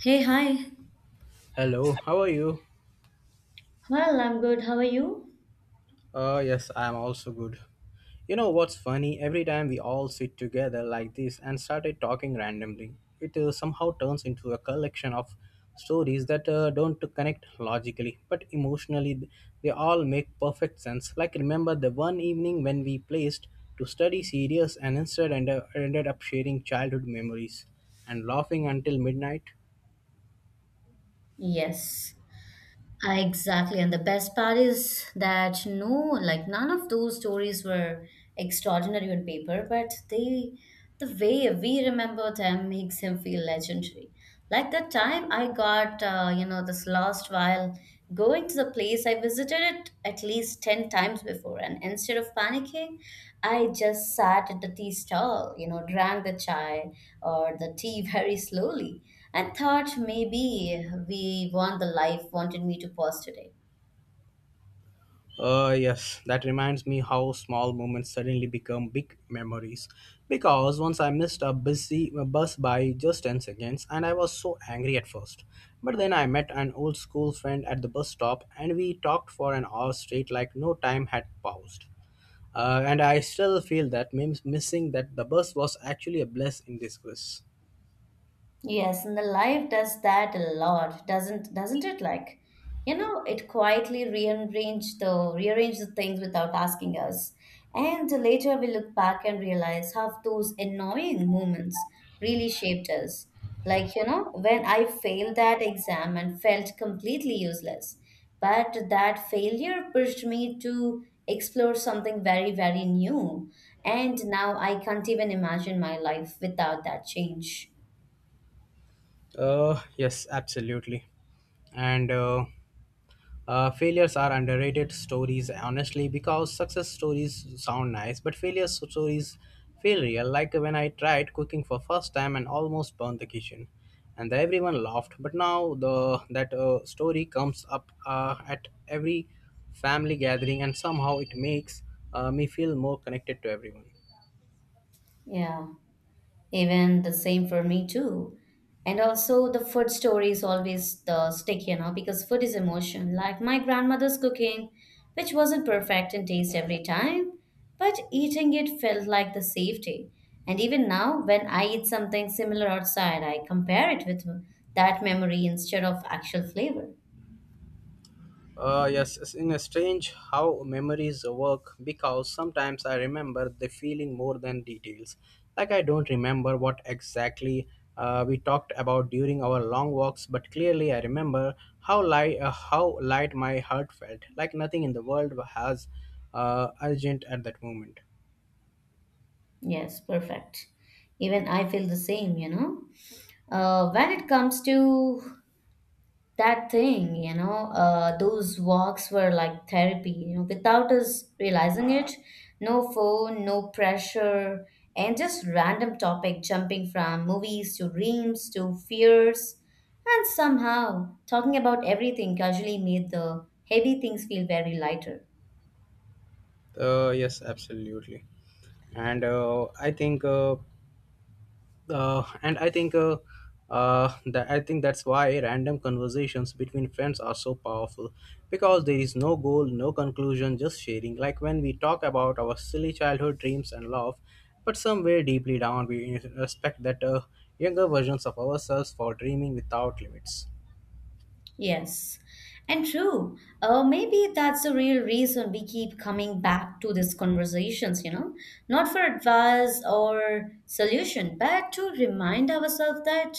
Hey, hi. Hello, how are you? Well, I'm good. How are you? Yes, I am also good. You know what's funny? Every time we all sit together like this and started talking randomly, it somehow turns into a collection of stories that don't connect logically, but emotionally they all make perfect sense. Like remember the one evening when we placed to study serious and instead ended up sharing childhood memories and laughing until midnight? Yes, I exactly. And the best part is that no, like none of those stories were extraordinary on paper, but they, the way we remember them makes them feel legendary. Like the time I got, this lost vial going to the place, I visited it at least 10 times before, and instead of panicking, I just sat at the tea stall, you know, drank the chai or the tea very slowly, and thought maybe we want the life wanted me to pause today. Yes, that reminds me how small moments suddenly become big memories. Because once I missed a bus by just 10 seconds, and I was so angry at first. But then I met an old school friend at the bus stop, and we talked for an hour straight, like no time had paused. And I still feel that missing that the bus was actually a blessing in disguise. Yes, and the life does that a lot, doesn't it? Like, you know, it quietly rearrange the things without asking us. And later we look back and realize how those annoying moments really shaped us. Like, you know, when I failed that exam and felt completely useless, but that failure pushed me to explore something very, very new. And now I can't even imagine my life without that change. Yes, absolutely. And failures are underrated stories, honestly, because success stories sound nice, but failure stories feel real. Like when I tried cooking for first time and almost burned the kitchen, and everyone laughed. But now the that story comes up at every family gathering, and somehow it makes me feel more connected to everyone. Yeah. Even the same for me too. And also the food story is always the stick, you know, because food is emotion. Like my grandmother's cooking, which wasn't perfect in taste every time, but eating it felt like the safety. And even now, when I eat something similar outside, I compare it with that memory instead of actual flavor. Yes, it's in a strange how memories work, because sometimes I remember the feeling more than details. Like I don't remember what exactly we talked about during our long walks, but clearly I remember how light my heart felt. Like nothing in the world has urgent at that moment. Yes, perfect. Even I feel the same, you know. When it comes to that thing, you know, those walks were like therapy, you know, without us realizing it. No phone, no pressure, and just random topic jumping from movies to dreams to fears, and somehow talking about everything casually made the heavy things feel very lighter. Yes, absolutely. And I think. And I think that I think that's why random conversations between friends are so powerful, because there is no goal, no conclusion, just sharing. Like when we talk about our silly childhood dreams and love, but somewhere deeply down we respect that younger versions of ourselves for dreaming without limits. Yes, and true. Maybe that's the real reason we keep coming back to these conversations, you know, not for advice or solution, but to remind ourselves that,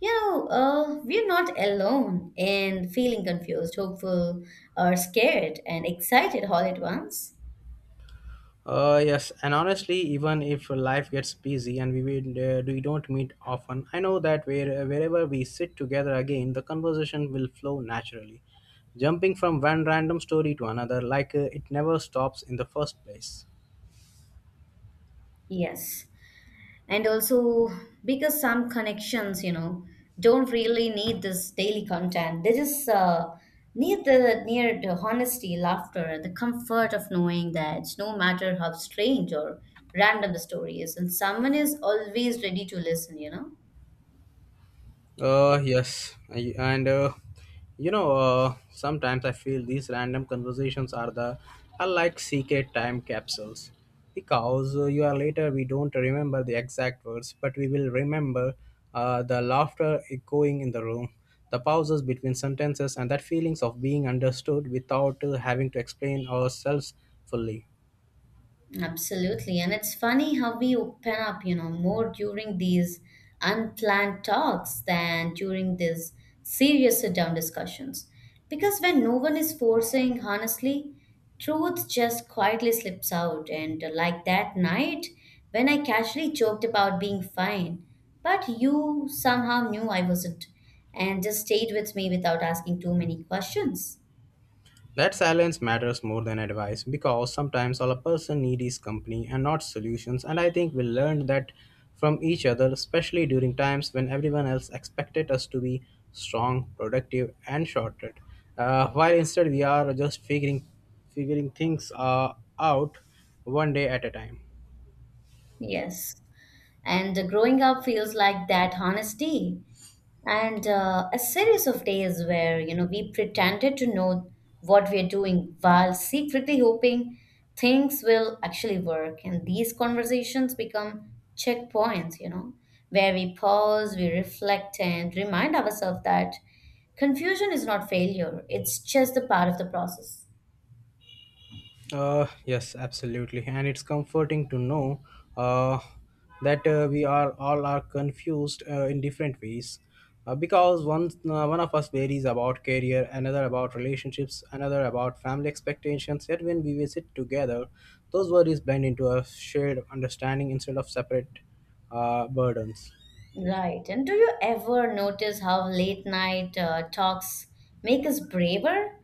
we're not alone in feeling confused, hopeful, or scared and excited all at once. Yes, and honestly, even if life gets busy and we don't meet often, I know that wherever we sit together again, the conversation will flow naturally, jumping from one random story to another like it never stops in the first place. Yes, and also because some connections, you know, don't really need this daily content. They just need the near the honesty, laughter, the comfort of knowing that no matter how strange or random the story is, and someone is always ready to listen, you know. Uh yes I- and you know sometimes I feel these random conversations are the are like secret time capsules, because you are later we don't remember the exact words, but we will remember the laughter echoing in the room, the pauses between sentences, and that feelings of being understood without having to explain ourselves fully. Absolutely. And it's funny how we open up, you know, more during these unplanned talks than during these serious sit down discussions. Because when no one is forcing, honestly, truth just quietly slips out. And like that night when I casually joked about being fine, but you somehow knew I wasn't and just stayed with me without asking too many questions. That silence matters more than advice, because sometimes all a person needs is company and not solutions. And I think we learned that from each other, especially during times when everyone else expected us to be strong, productive, and shorted. While instead we are just figuring things out one day at a time. Yes. And growing up feels like that honesty. And a series of days where, you know, we pretended to know what we're doing while secretly hoping things will actually work. And these conversations become checkpoints, you know, where we pause, we reflect, and remind ourselves that confusion is not failure, it's just a part of the process. Yes, absolutely, and it's comforting to know uh, that we are all are confused in different ways, because one of us worries about career, another about relationships, another about family expectations. Yet when we visit together, those worries blend into a shared understanding instead of separate burdens. Right. And do you ever notice how late night talks make us braver?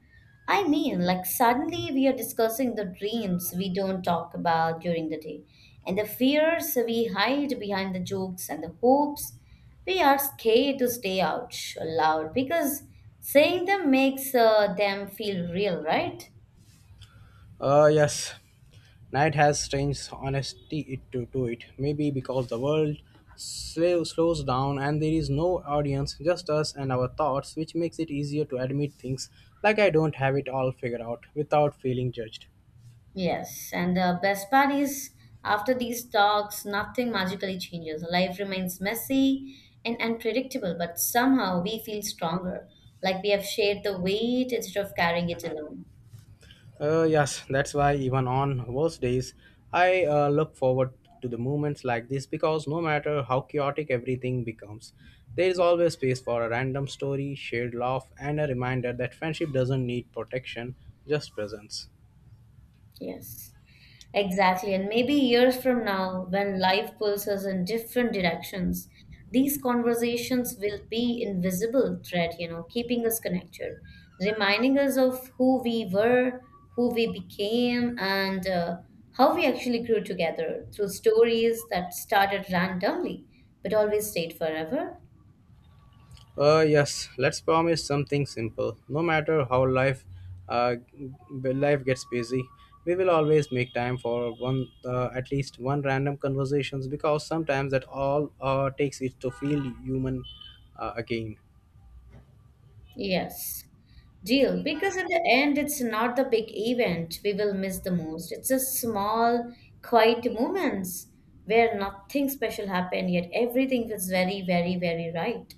I mean, like suddenly we are discussing the dreams we don't talk about during the day and the fears we hide behind the jokes and the hopes we are scared to stay out loud, because saying them makes them feel real, right? Yes, night has strange honesty to it. Maybe because the world slows down and there is no audience, just us and our thoughts, which makes it easier to admit things like I don't have it all figured out without feeling judged. Yes, and the best part is after these talks, nothing magically changes. Life remains messy and unpredictable, but somehow we feel stronger, like we have shared the weight instead of carrying it alone. Yes, that's why even on worst days, I look forward to the moments like this, because no matter how chaotic everything becomes, there is always space for a random story, shared laugh, and a reminder that friendship doesn't need protection, just presence. Yes. Exactly, and maybe years from now, when life pulls us in different directions, these conversations will be invisible thread, you know, keeping us connected, reminding us of who we were, who we became, and how we actually grew together through stories that started randomly but always stayed forever. Yes, let's promise something simple. No matter how life gets busy, we will always make time for at least one random conversations, because sometimes that all takes it to feel human again. Yes. Deal. Because in the end, it's not the big event we will miss the most. It's the small, quiet moments where nothing special happened, yet everything was very, very, very right.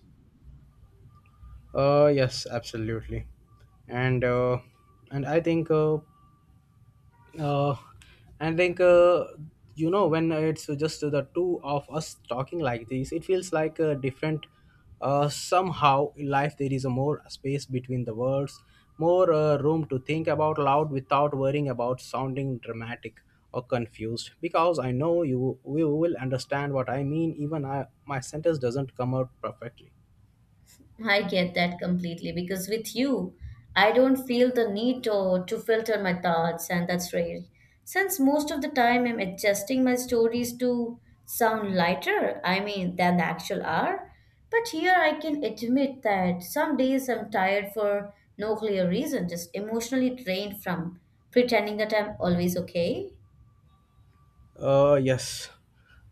Yes, absolutely, and uh, and uh, I think you know, when it's just the two of us talking like this, it feels like a different. Somehow in life there is a more space between the words, more room to think about loud without worrying about sounding dramatic or confused. Because I know you will understand what I mean, even my sentence doesn't come out perfectly. I get that completely because with you, I don't feel the need to filter my thoughts, and that's rare. Since most of the time I'm adjusting my stories to sound lighter, I mean, than the actual are. But here I can admit that some days I'm tired for no clear reason, just emotionally drained from pretending that I'm always okay. Yes,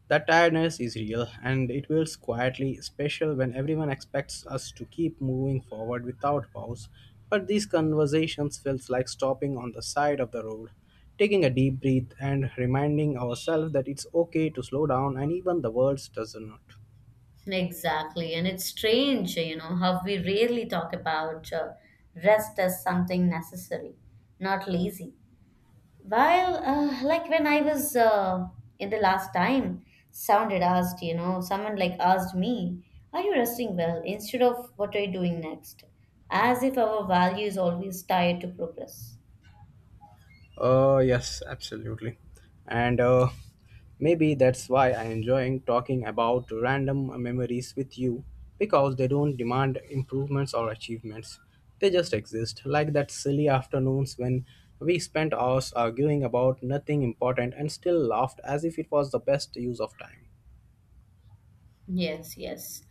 that tiredness is real, and it feels quietly special when everyone expects us to keep moving forward without pause. But these conversations feels like stopping on the side of the road, taking a deep breath and reminding ourselves that it's okay to slow down and even the world does not. Exactly. And it's strange, you know, how we rarely talk about rest as something necessary, not lazy. While, like when I was in the last time, sounded asked, you know, someone like asked me, are you resting well, instead of what are you doing next? As if our value is always tied to progress. Yes, absolutely. And maybe that's why I enjoying talking about random memories with you, because they don't demand improvements or achievements. They just exist, like that silly afternoons when we spent hours arguing about nothing important and still laughed as if it was the best use of time. Yes, yes.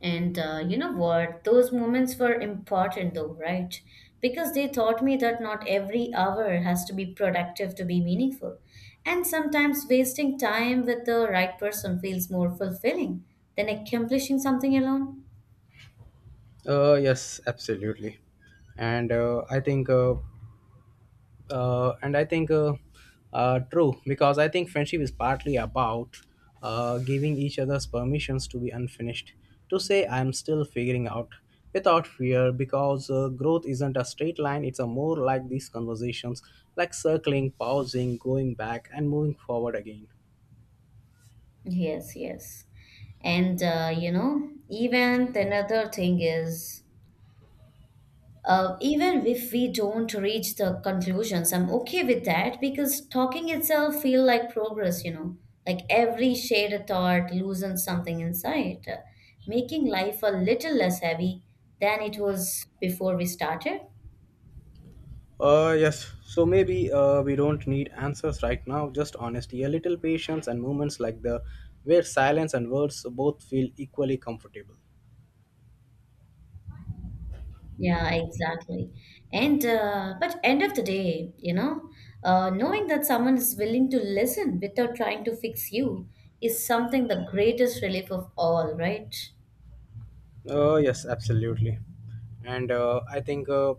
And you know what? Those moments were important though, right? Because they taught me that not every hour has to be productive to be meaningful. And sometimes wasting time with the right person feels more fulfilling than accomplishing something alone. Yes, absolutely. And I think and I think true, because I think friendship is partly about giving each other's permissions to be unfinished, to say I'm still figuring out without fear, because growth isn't a straight line, it's a more like these conversations, like circling, pausing, going back and moving forward again. Yes, yes. And you know, even the another thing is even if we don't reach the conclusions, I'm okay with that because talking itself feel like progress, you know. Like every shared thought loosens something inside, making life a little less heavy than it was before we started. Uh yes so maybe we don't need answers right now, just honesty, a little patience and moments like the where silence and words both feel equally comfortable. Yeah, exactly. And but end of the day, you know, knowing that someone is willing to listen without trying to fix you is something the greatest relief of all, right? Yes, absolutely, and I think,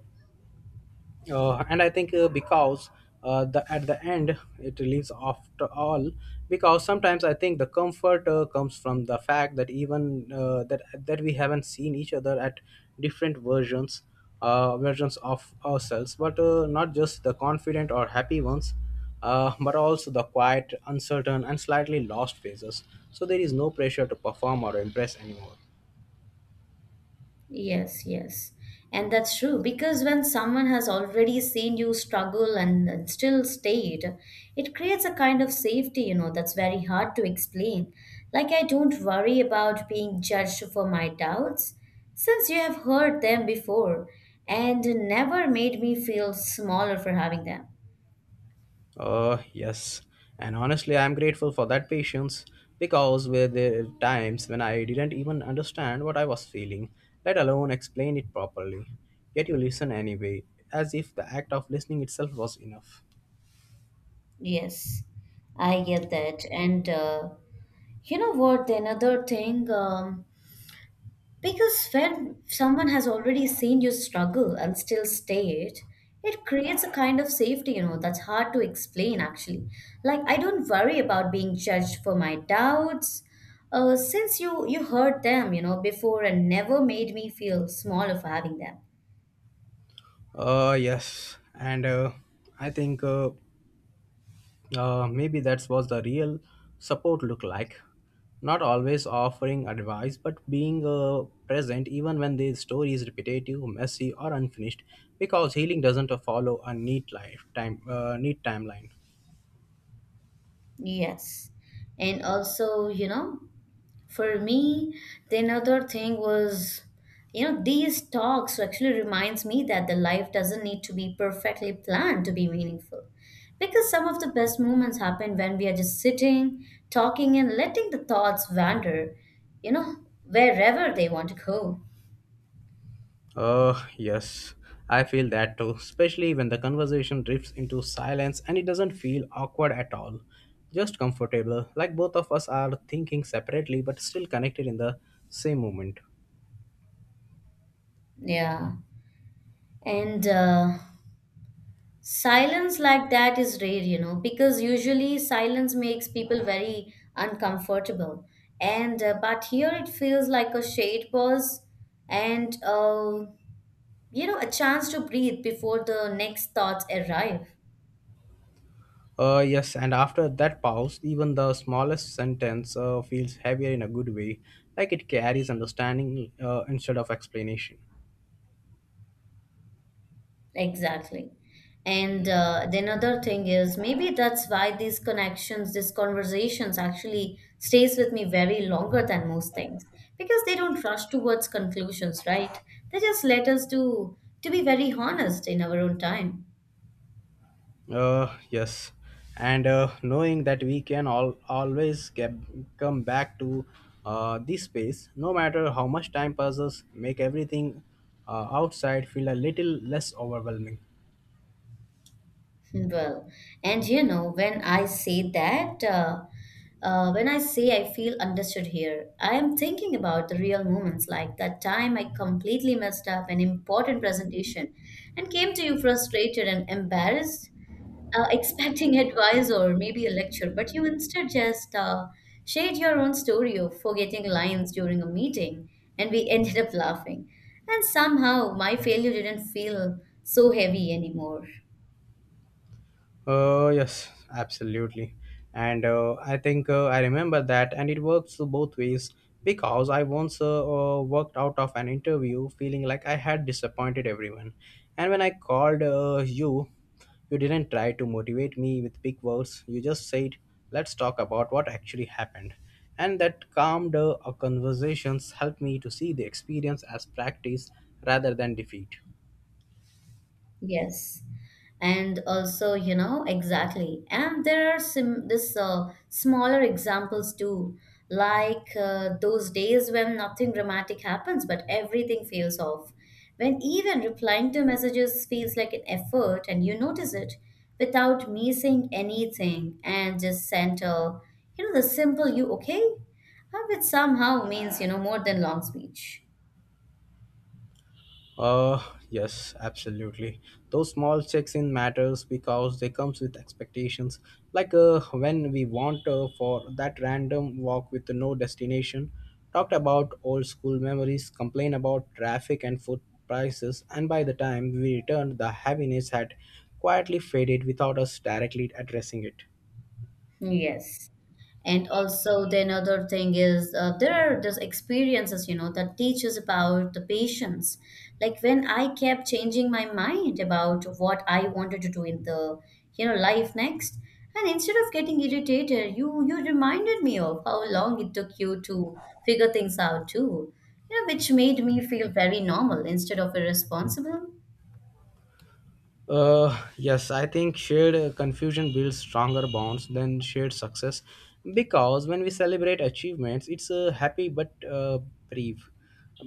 and I think because the at the end it leaves after all, because sometimes I think the comfort comes from the fact that even that that we haven't seen each other at different versions, versions of ourselves, but not just the confident or happy ones. But also the quiet, uncertain, and slightly lost phases. So there is no pressure to perform or impress anymore. Yes, yes. And that's true because when someone has already seen you struggle and still stayed, it creates a kind of safety, you know, that's very hard to explain. Like, I don't worry about being judged for my doubts since you have heard them before and never made me feel smaller for having them. Yes. And honestly, I'm grateful for that patience, because were there times when I didn't even understand what I was feeling, let alone explain it properly. Yet you listen anyway, as if the act of listening itself was enough. Yes, I get that. And you know what? Another thing, because when someone has already seen you struggle and still stayed, it creates a kind of safety, you know, that's hard to explain actually. Like I don't worry about being judged for my doubts. Since you heard them, you know, before and never made me feel smaller for having them. Yes. And I think maybe that's what the real support look like. Not always offering advice, but being present even when the story is repetitive, messy, or unfinished, because healing doesn't follow a neat timeline. Yes. And also, you know, for me, the another thing was, you know, these talks actually reminds me that the life doesn't need to be perfectly planned to be meaningful. Because some of the best moments happen when we are just sitting, talking, and letting the thoughts wander, you know, wherever they want to go. Yes, I feel that too, especially when the conversation drifts into silence and it doesn't feel awkward at all. Just comfortable, like both of us are thinking separately but still connected in the same moment. Yeah. And Silence like that is rare, you know, because usually silence makes people very uncomfortable. And But here it feels like a shade pause, and you know, a chance to breathe before the next thoughts arrive. Yes, and after that pause, even the smallest sentence feels heavier in a good way, like it carries understanding instead of explanation. Exactly. And the another thing is maybe that's why these connections, these conversations actually stays with me very longer than most things, because they don't rush towards conclusions, right? They just let us do to be very honest in our own time. Uh, yes, and knowing that we can all always come back to this space, no matter how much time passes, make everything outside feel a little less overwhelming. Well, and you know, when I say that, when I say I feel understood here, I am thinking about the real moments like that time I completely messed up an important presentation and came to you frustrated and embarrassed, expecting advice or maybe a lecture, but you instead just shared your own story of forgetting lines during a meeting, and we ended up laughing. And somehow my failure didn't feel so heavy anymore. Yes, absolutely. And I think I remember that, and it works both ways, because I once worked out of an interview feeling like I had disappointed everyone. And when I called you, you didn't try to motivate me with big words. You just said, let's talk about what actually happened. And that calmed conversations helped me to see the experience as practice rather than defeat. Yes, and also, you know, exactly, and there are some this smaller examples too, like those days when nothing dramatic happens but everything feels off, when even replying to messages feels like an effort, and you notice it without me saying anything and just sent a, you know, the simple "you okay," which somehow means, you know, more than long speech. Uh, yes, absolutely. Those small checks in matters because they comes with expectations. Like when we want for that random walk with no destination, talked about old school memories, complain about traffic and food prices, and by the time we returned, the heaviness had quietly faded without us directly addressing it. Yes. And also the another thing is there are just experiences, you know, that teaches about the patience. Like when I kept changing my mind about what I wanted to do in the, you know, life next, and instead of getting irritated, you reminded me of how long it took you to figure things out too, you know, which made me feel very normal instead of irresponsible. Yes, I think shared confusion builds stronger bonds than shared success, because when we celebrate achievements, it's happy, but brief.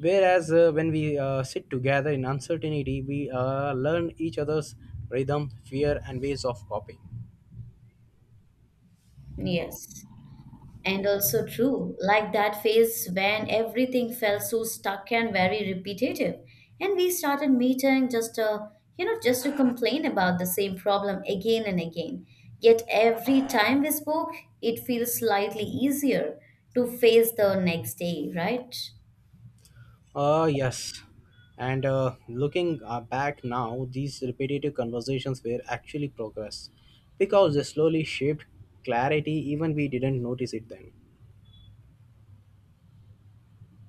Whereas when we sit together in uncertainty, we learn each other's rhythm, fear, and ways of coping. Yes. And also true, like that phase when everything felt so stuck and very repetitive. And we started meeting just to, you know, just to complain about the same problem again and again. Yet every time we spoke, it feels slightly easier to face the next day, right? Yes. And looking back now, these repetitive conversations were actually progress, because they slowly shaped clarity, even we didn't notice it then.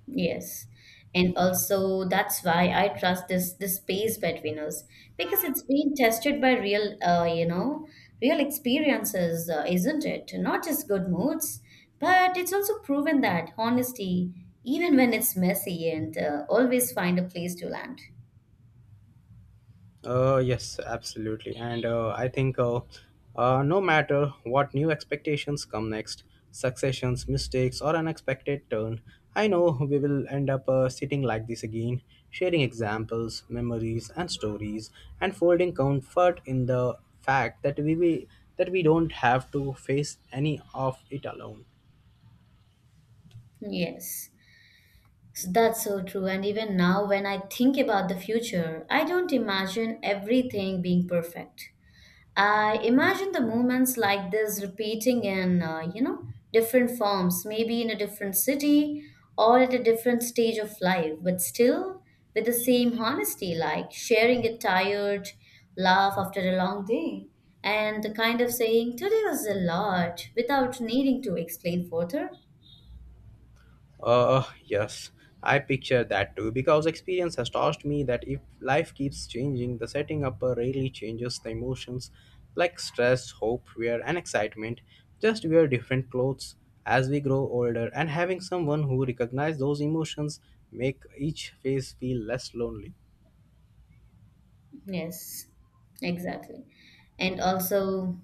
Yes. And also that's why I trust this space between us because it's being tested by real, you know, real experiences, isn't it? Not just good moods, but it's also proven that honesty, even when it's messy, and always find a place to land. Yes, absolutely. And I think no matter what new expectations come next, successions, mistakes, or unexpected turn, I know we will end up sitting like this again, sharing examples, memories, and stories, and folding comfort in the fact that we that we don't have to face any of it alone. Yes, so that's so true. And even now, when I think about the future, I don't imagine everything being perfect. I imagine the movements like this repeating in, different forms, maybe in a different city or at a different stage of life, but still with the same honesty, like sharing a tired laugh after a long day and the kind of saying, today was a lot, without needing to explain further. Yes, I picture that too, because experience has taught me that if life keeps changing, the setting up rarely changes the emotions like stress, hope, fear, and excitement. Just wear different clothes as we grow older, and having someone who recognizes those emotions make each phase feel less lonely. Yes, exactly. And also,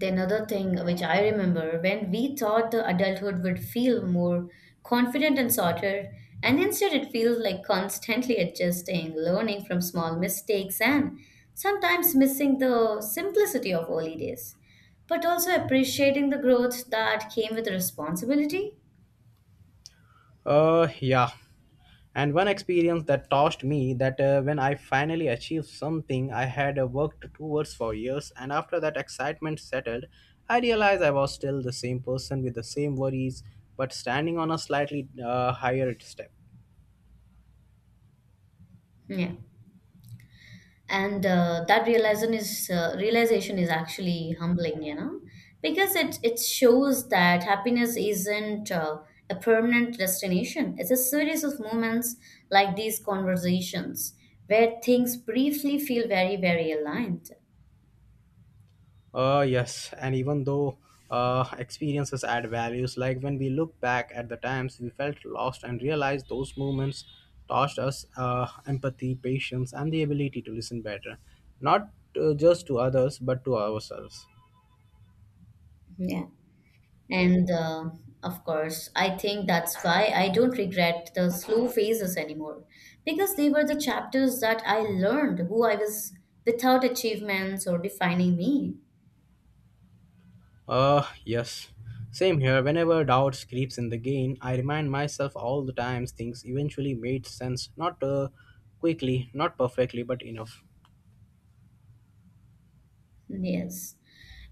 Then another thing which I remember when we thought the adulthood would feel more confident and sorted, and instead it feels like constantly adjusting, learning from small mistakes, and sometimes missing the simplicity of early days, but also appreciating the growth that came with responsibility. Yeah. And one experience that taught me that when I finally achieved something I had worked towards for years, and after that excitement settled, I realized I was still the same person with the same worries, but standing on a slightly higher step. Yeah. And that realization is actually humbling, you know, because it shows that happiness isn't, a permanent destination. It's a series of moments like these conversations, where things briefly feel very very aligned. Yes, and even though experiences add values, like when we look back at the times we felt lost and realized those moments taught us empathy, patience, and the ability to listen better, not just to others but to ourselves. Yeah. and Of course, I think that's why I don't regret the slow phases anymore, because they were the chapters that I learned who I was without achievements or defining me. Yes. Same here. Whenever doubt creeps in the gain, I remind myself all the times things eventually made sense. Not quickly, not perfectly, but enough. Yes.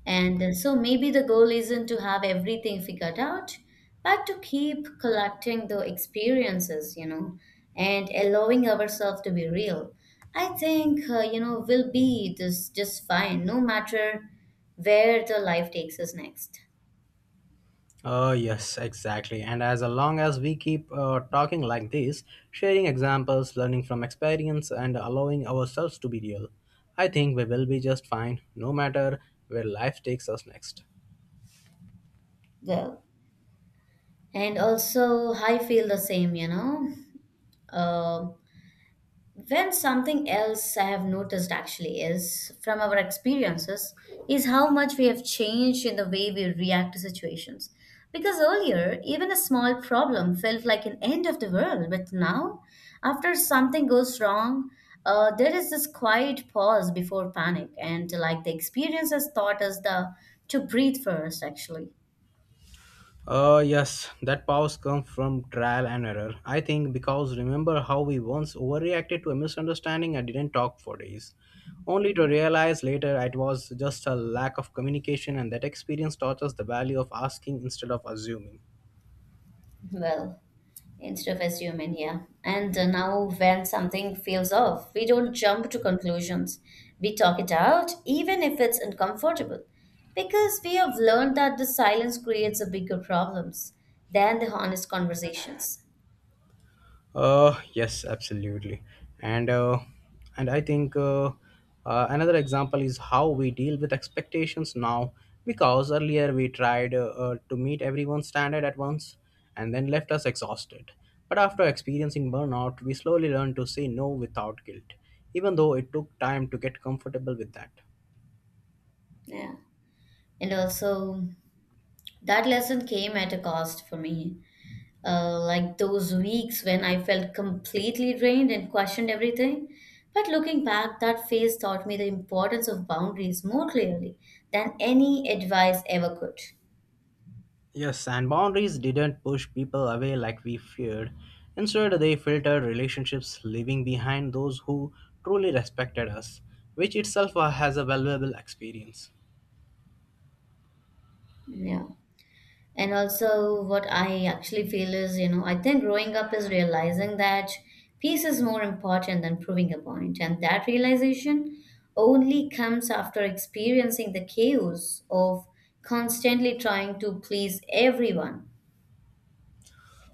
And so maybe the goal isn't to have everything figured out, but to keep collecting the experiences, you know, and allowing ourselves to be real. I think, we'll be this just fine, no matter where the life takes us next. Yes, exactly. And as long as we keep talking like this, sharing examples, learning from experience, and allowing ourselves to be real, I think we will be just fine, no matter where life takes us next. Well, and also I feel the same, you know. Um When something else I have noticed actually is from our experiences is how much we have changed in the way we react to situations. Because earlier, even a small problem felt like an end of the world, but now, after something goes wrong, there is this quiet pause before panic, and like the experience has taught us the to breathe first, actually. Yes, that powers come from trial and error. I think because remember how we once overreacted to a misunderstanding and didn't talk for days, only to realize later it was just a lack of communication, and that experience taught us the value of asking instead of assuming. Well, instead of assuming, yeah, and now when something feels off, we don't jump to conclusions. We talk it out, even if it's uncomfortable, because we have learned that the silence creates a bigger problems than the honest conversations. Yes, absolutely. And uh, and I think another example is how we deal with expectations now. Because earlier we tried to meet everyone's standard at once, and then left us exhausted. But after experiencing burnout, we slowly learned to say no without guilt, even though it took time to get comfortable with that. Yeah, and also that lesson came at a cost for me, like those weeks when I felt completely drained and questioned everything. But looking back, that phase taught me the importance of boundaries more clearly than any advice ever could. Yes, and boundaries didn't push people away like we feared. Instead, they filtered relationships, leaving behind those who truly respected us, which itself has a valuable experience. Yeah. And also, what I actually feel is, you know, I think growing up is realizing that peace is more important than proving a point. And that realization only comes after experiencing the chaos of constantly trying to please everyone.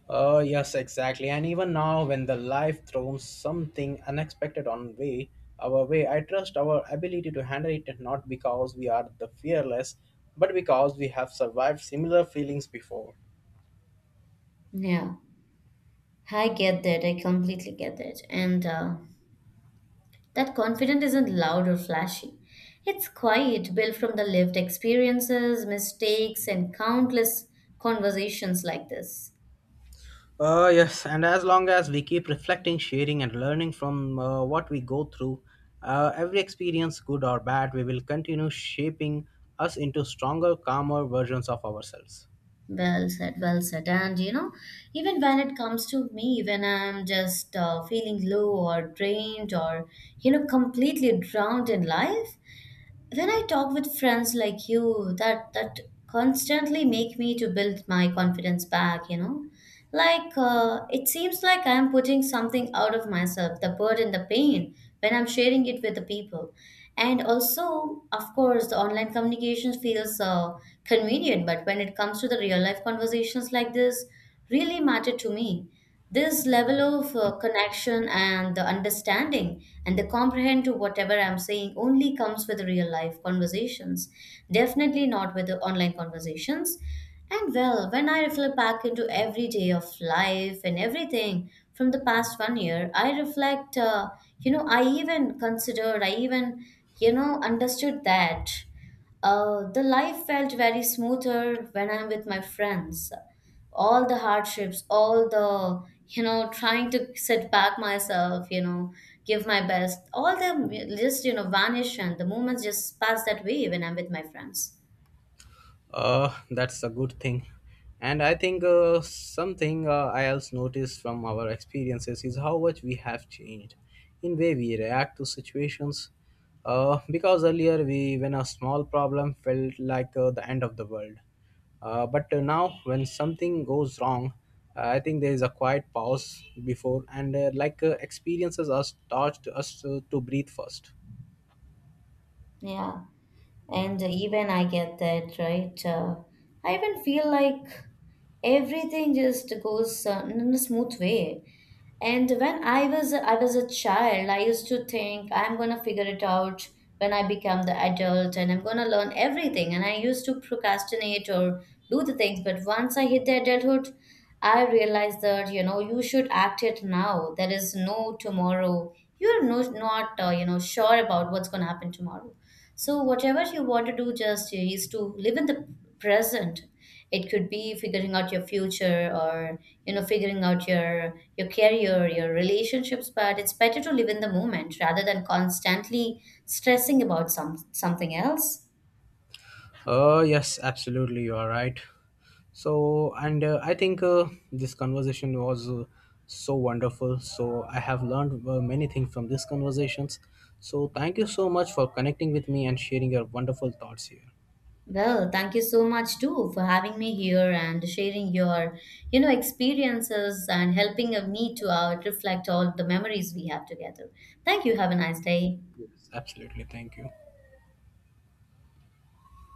Oh, yes, exactly. And even now, when the life throws something unexpected on our way, I trust our ability to handle it not because we are the fearless, but because we have survived similar feelings before. Yeah. I get that. I completely get that. And That confidence isn't loud or flashy. It's quiet, built from the lived experiences, mistakes, and countless conversations like this. Yes, and as long as we keep reflecting, sharing, and learning from what we go through, every experience, good or bad, we will continue shaping us into stronger, calmer versions of ourselves. Well said, well said. And you know, even when it comes to me, when I'm just feeling low or drained or, you know, completely drowned in life, when I talk with friends like you, that constantly make me to build my confidence back. You know, like it seems like I am putting something out of myself, the burden, the pain, when I'm sharing it with the people. And also, of course, the online communication feels convenient, but when it comes to the real life conversations like this, really matter to me. This level of connection and the understanding and the comprehend to whatever I'm saying only comes with real life conversations, definitely not with the online conversations. And well, when I reflect back into every day of life and everything from the past one year, I reflect, you know, I even considered, I even, you know, understood that. The life felt very smoother when I'm with my friends. All the hardships, all the, you know, trying to sit back myself, you know, give my best, all them just, you know, vanish, and the moments just pass that way when I'm with my friends. That's a good thing. And I think something I else noticed from our experiences is how much we have changed in way we react to situations. Because earlier when a small problem felt like the end of the world, but now when something goes wrong, I think there is a quiet pause before, and like experiences are taught us to breathe first. Yeah. And even I get that, right? I even feel like everything just goes in a smooth way. And when I was a child, I used to think I'm gonna figure it out when I become the adult, and I'm gonna learn everything. And I used to procrastinate or do the things. But once I hit the adulthood, I realized that, you know, you should act it now. There is no tomorrow. You're no, not, sure about what's gonna happen tomorrow. So, whatever you want to do, just is to live in the present. It could be figuring out your future, or, you know, figuring out your career, your relationships. But it's better to live in the moment rather than constantly stressing about something else. Yes, absolutely, you are right. So, and I think this conversation was so wonderful. So, I have learned many things from these conversations. So, thank you so much for connecting with me and sharing your wonderful thoughts here. Well, thank you so much too for having me here and sharing your, you know, experiences and helping of me to out reflect all the memories we have together. Thank you. Have a nice day. Yes, absolutely, thank you.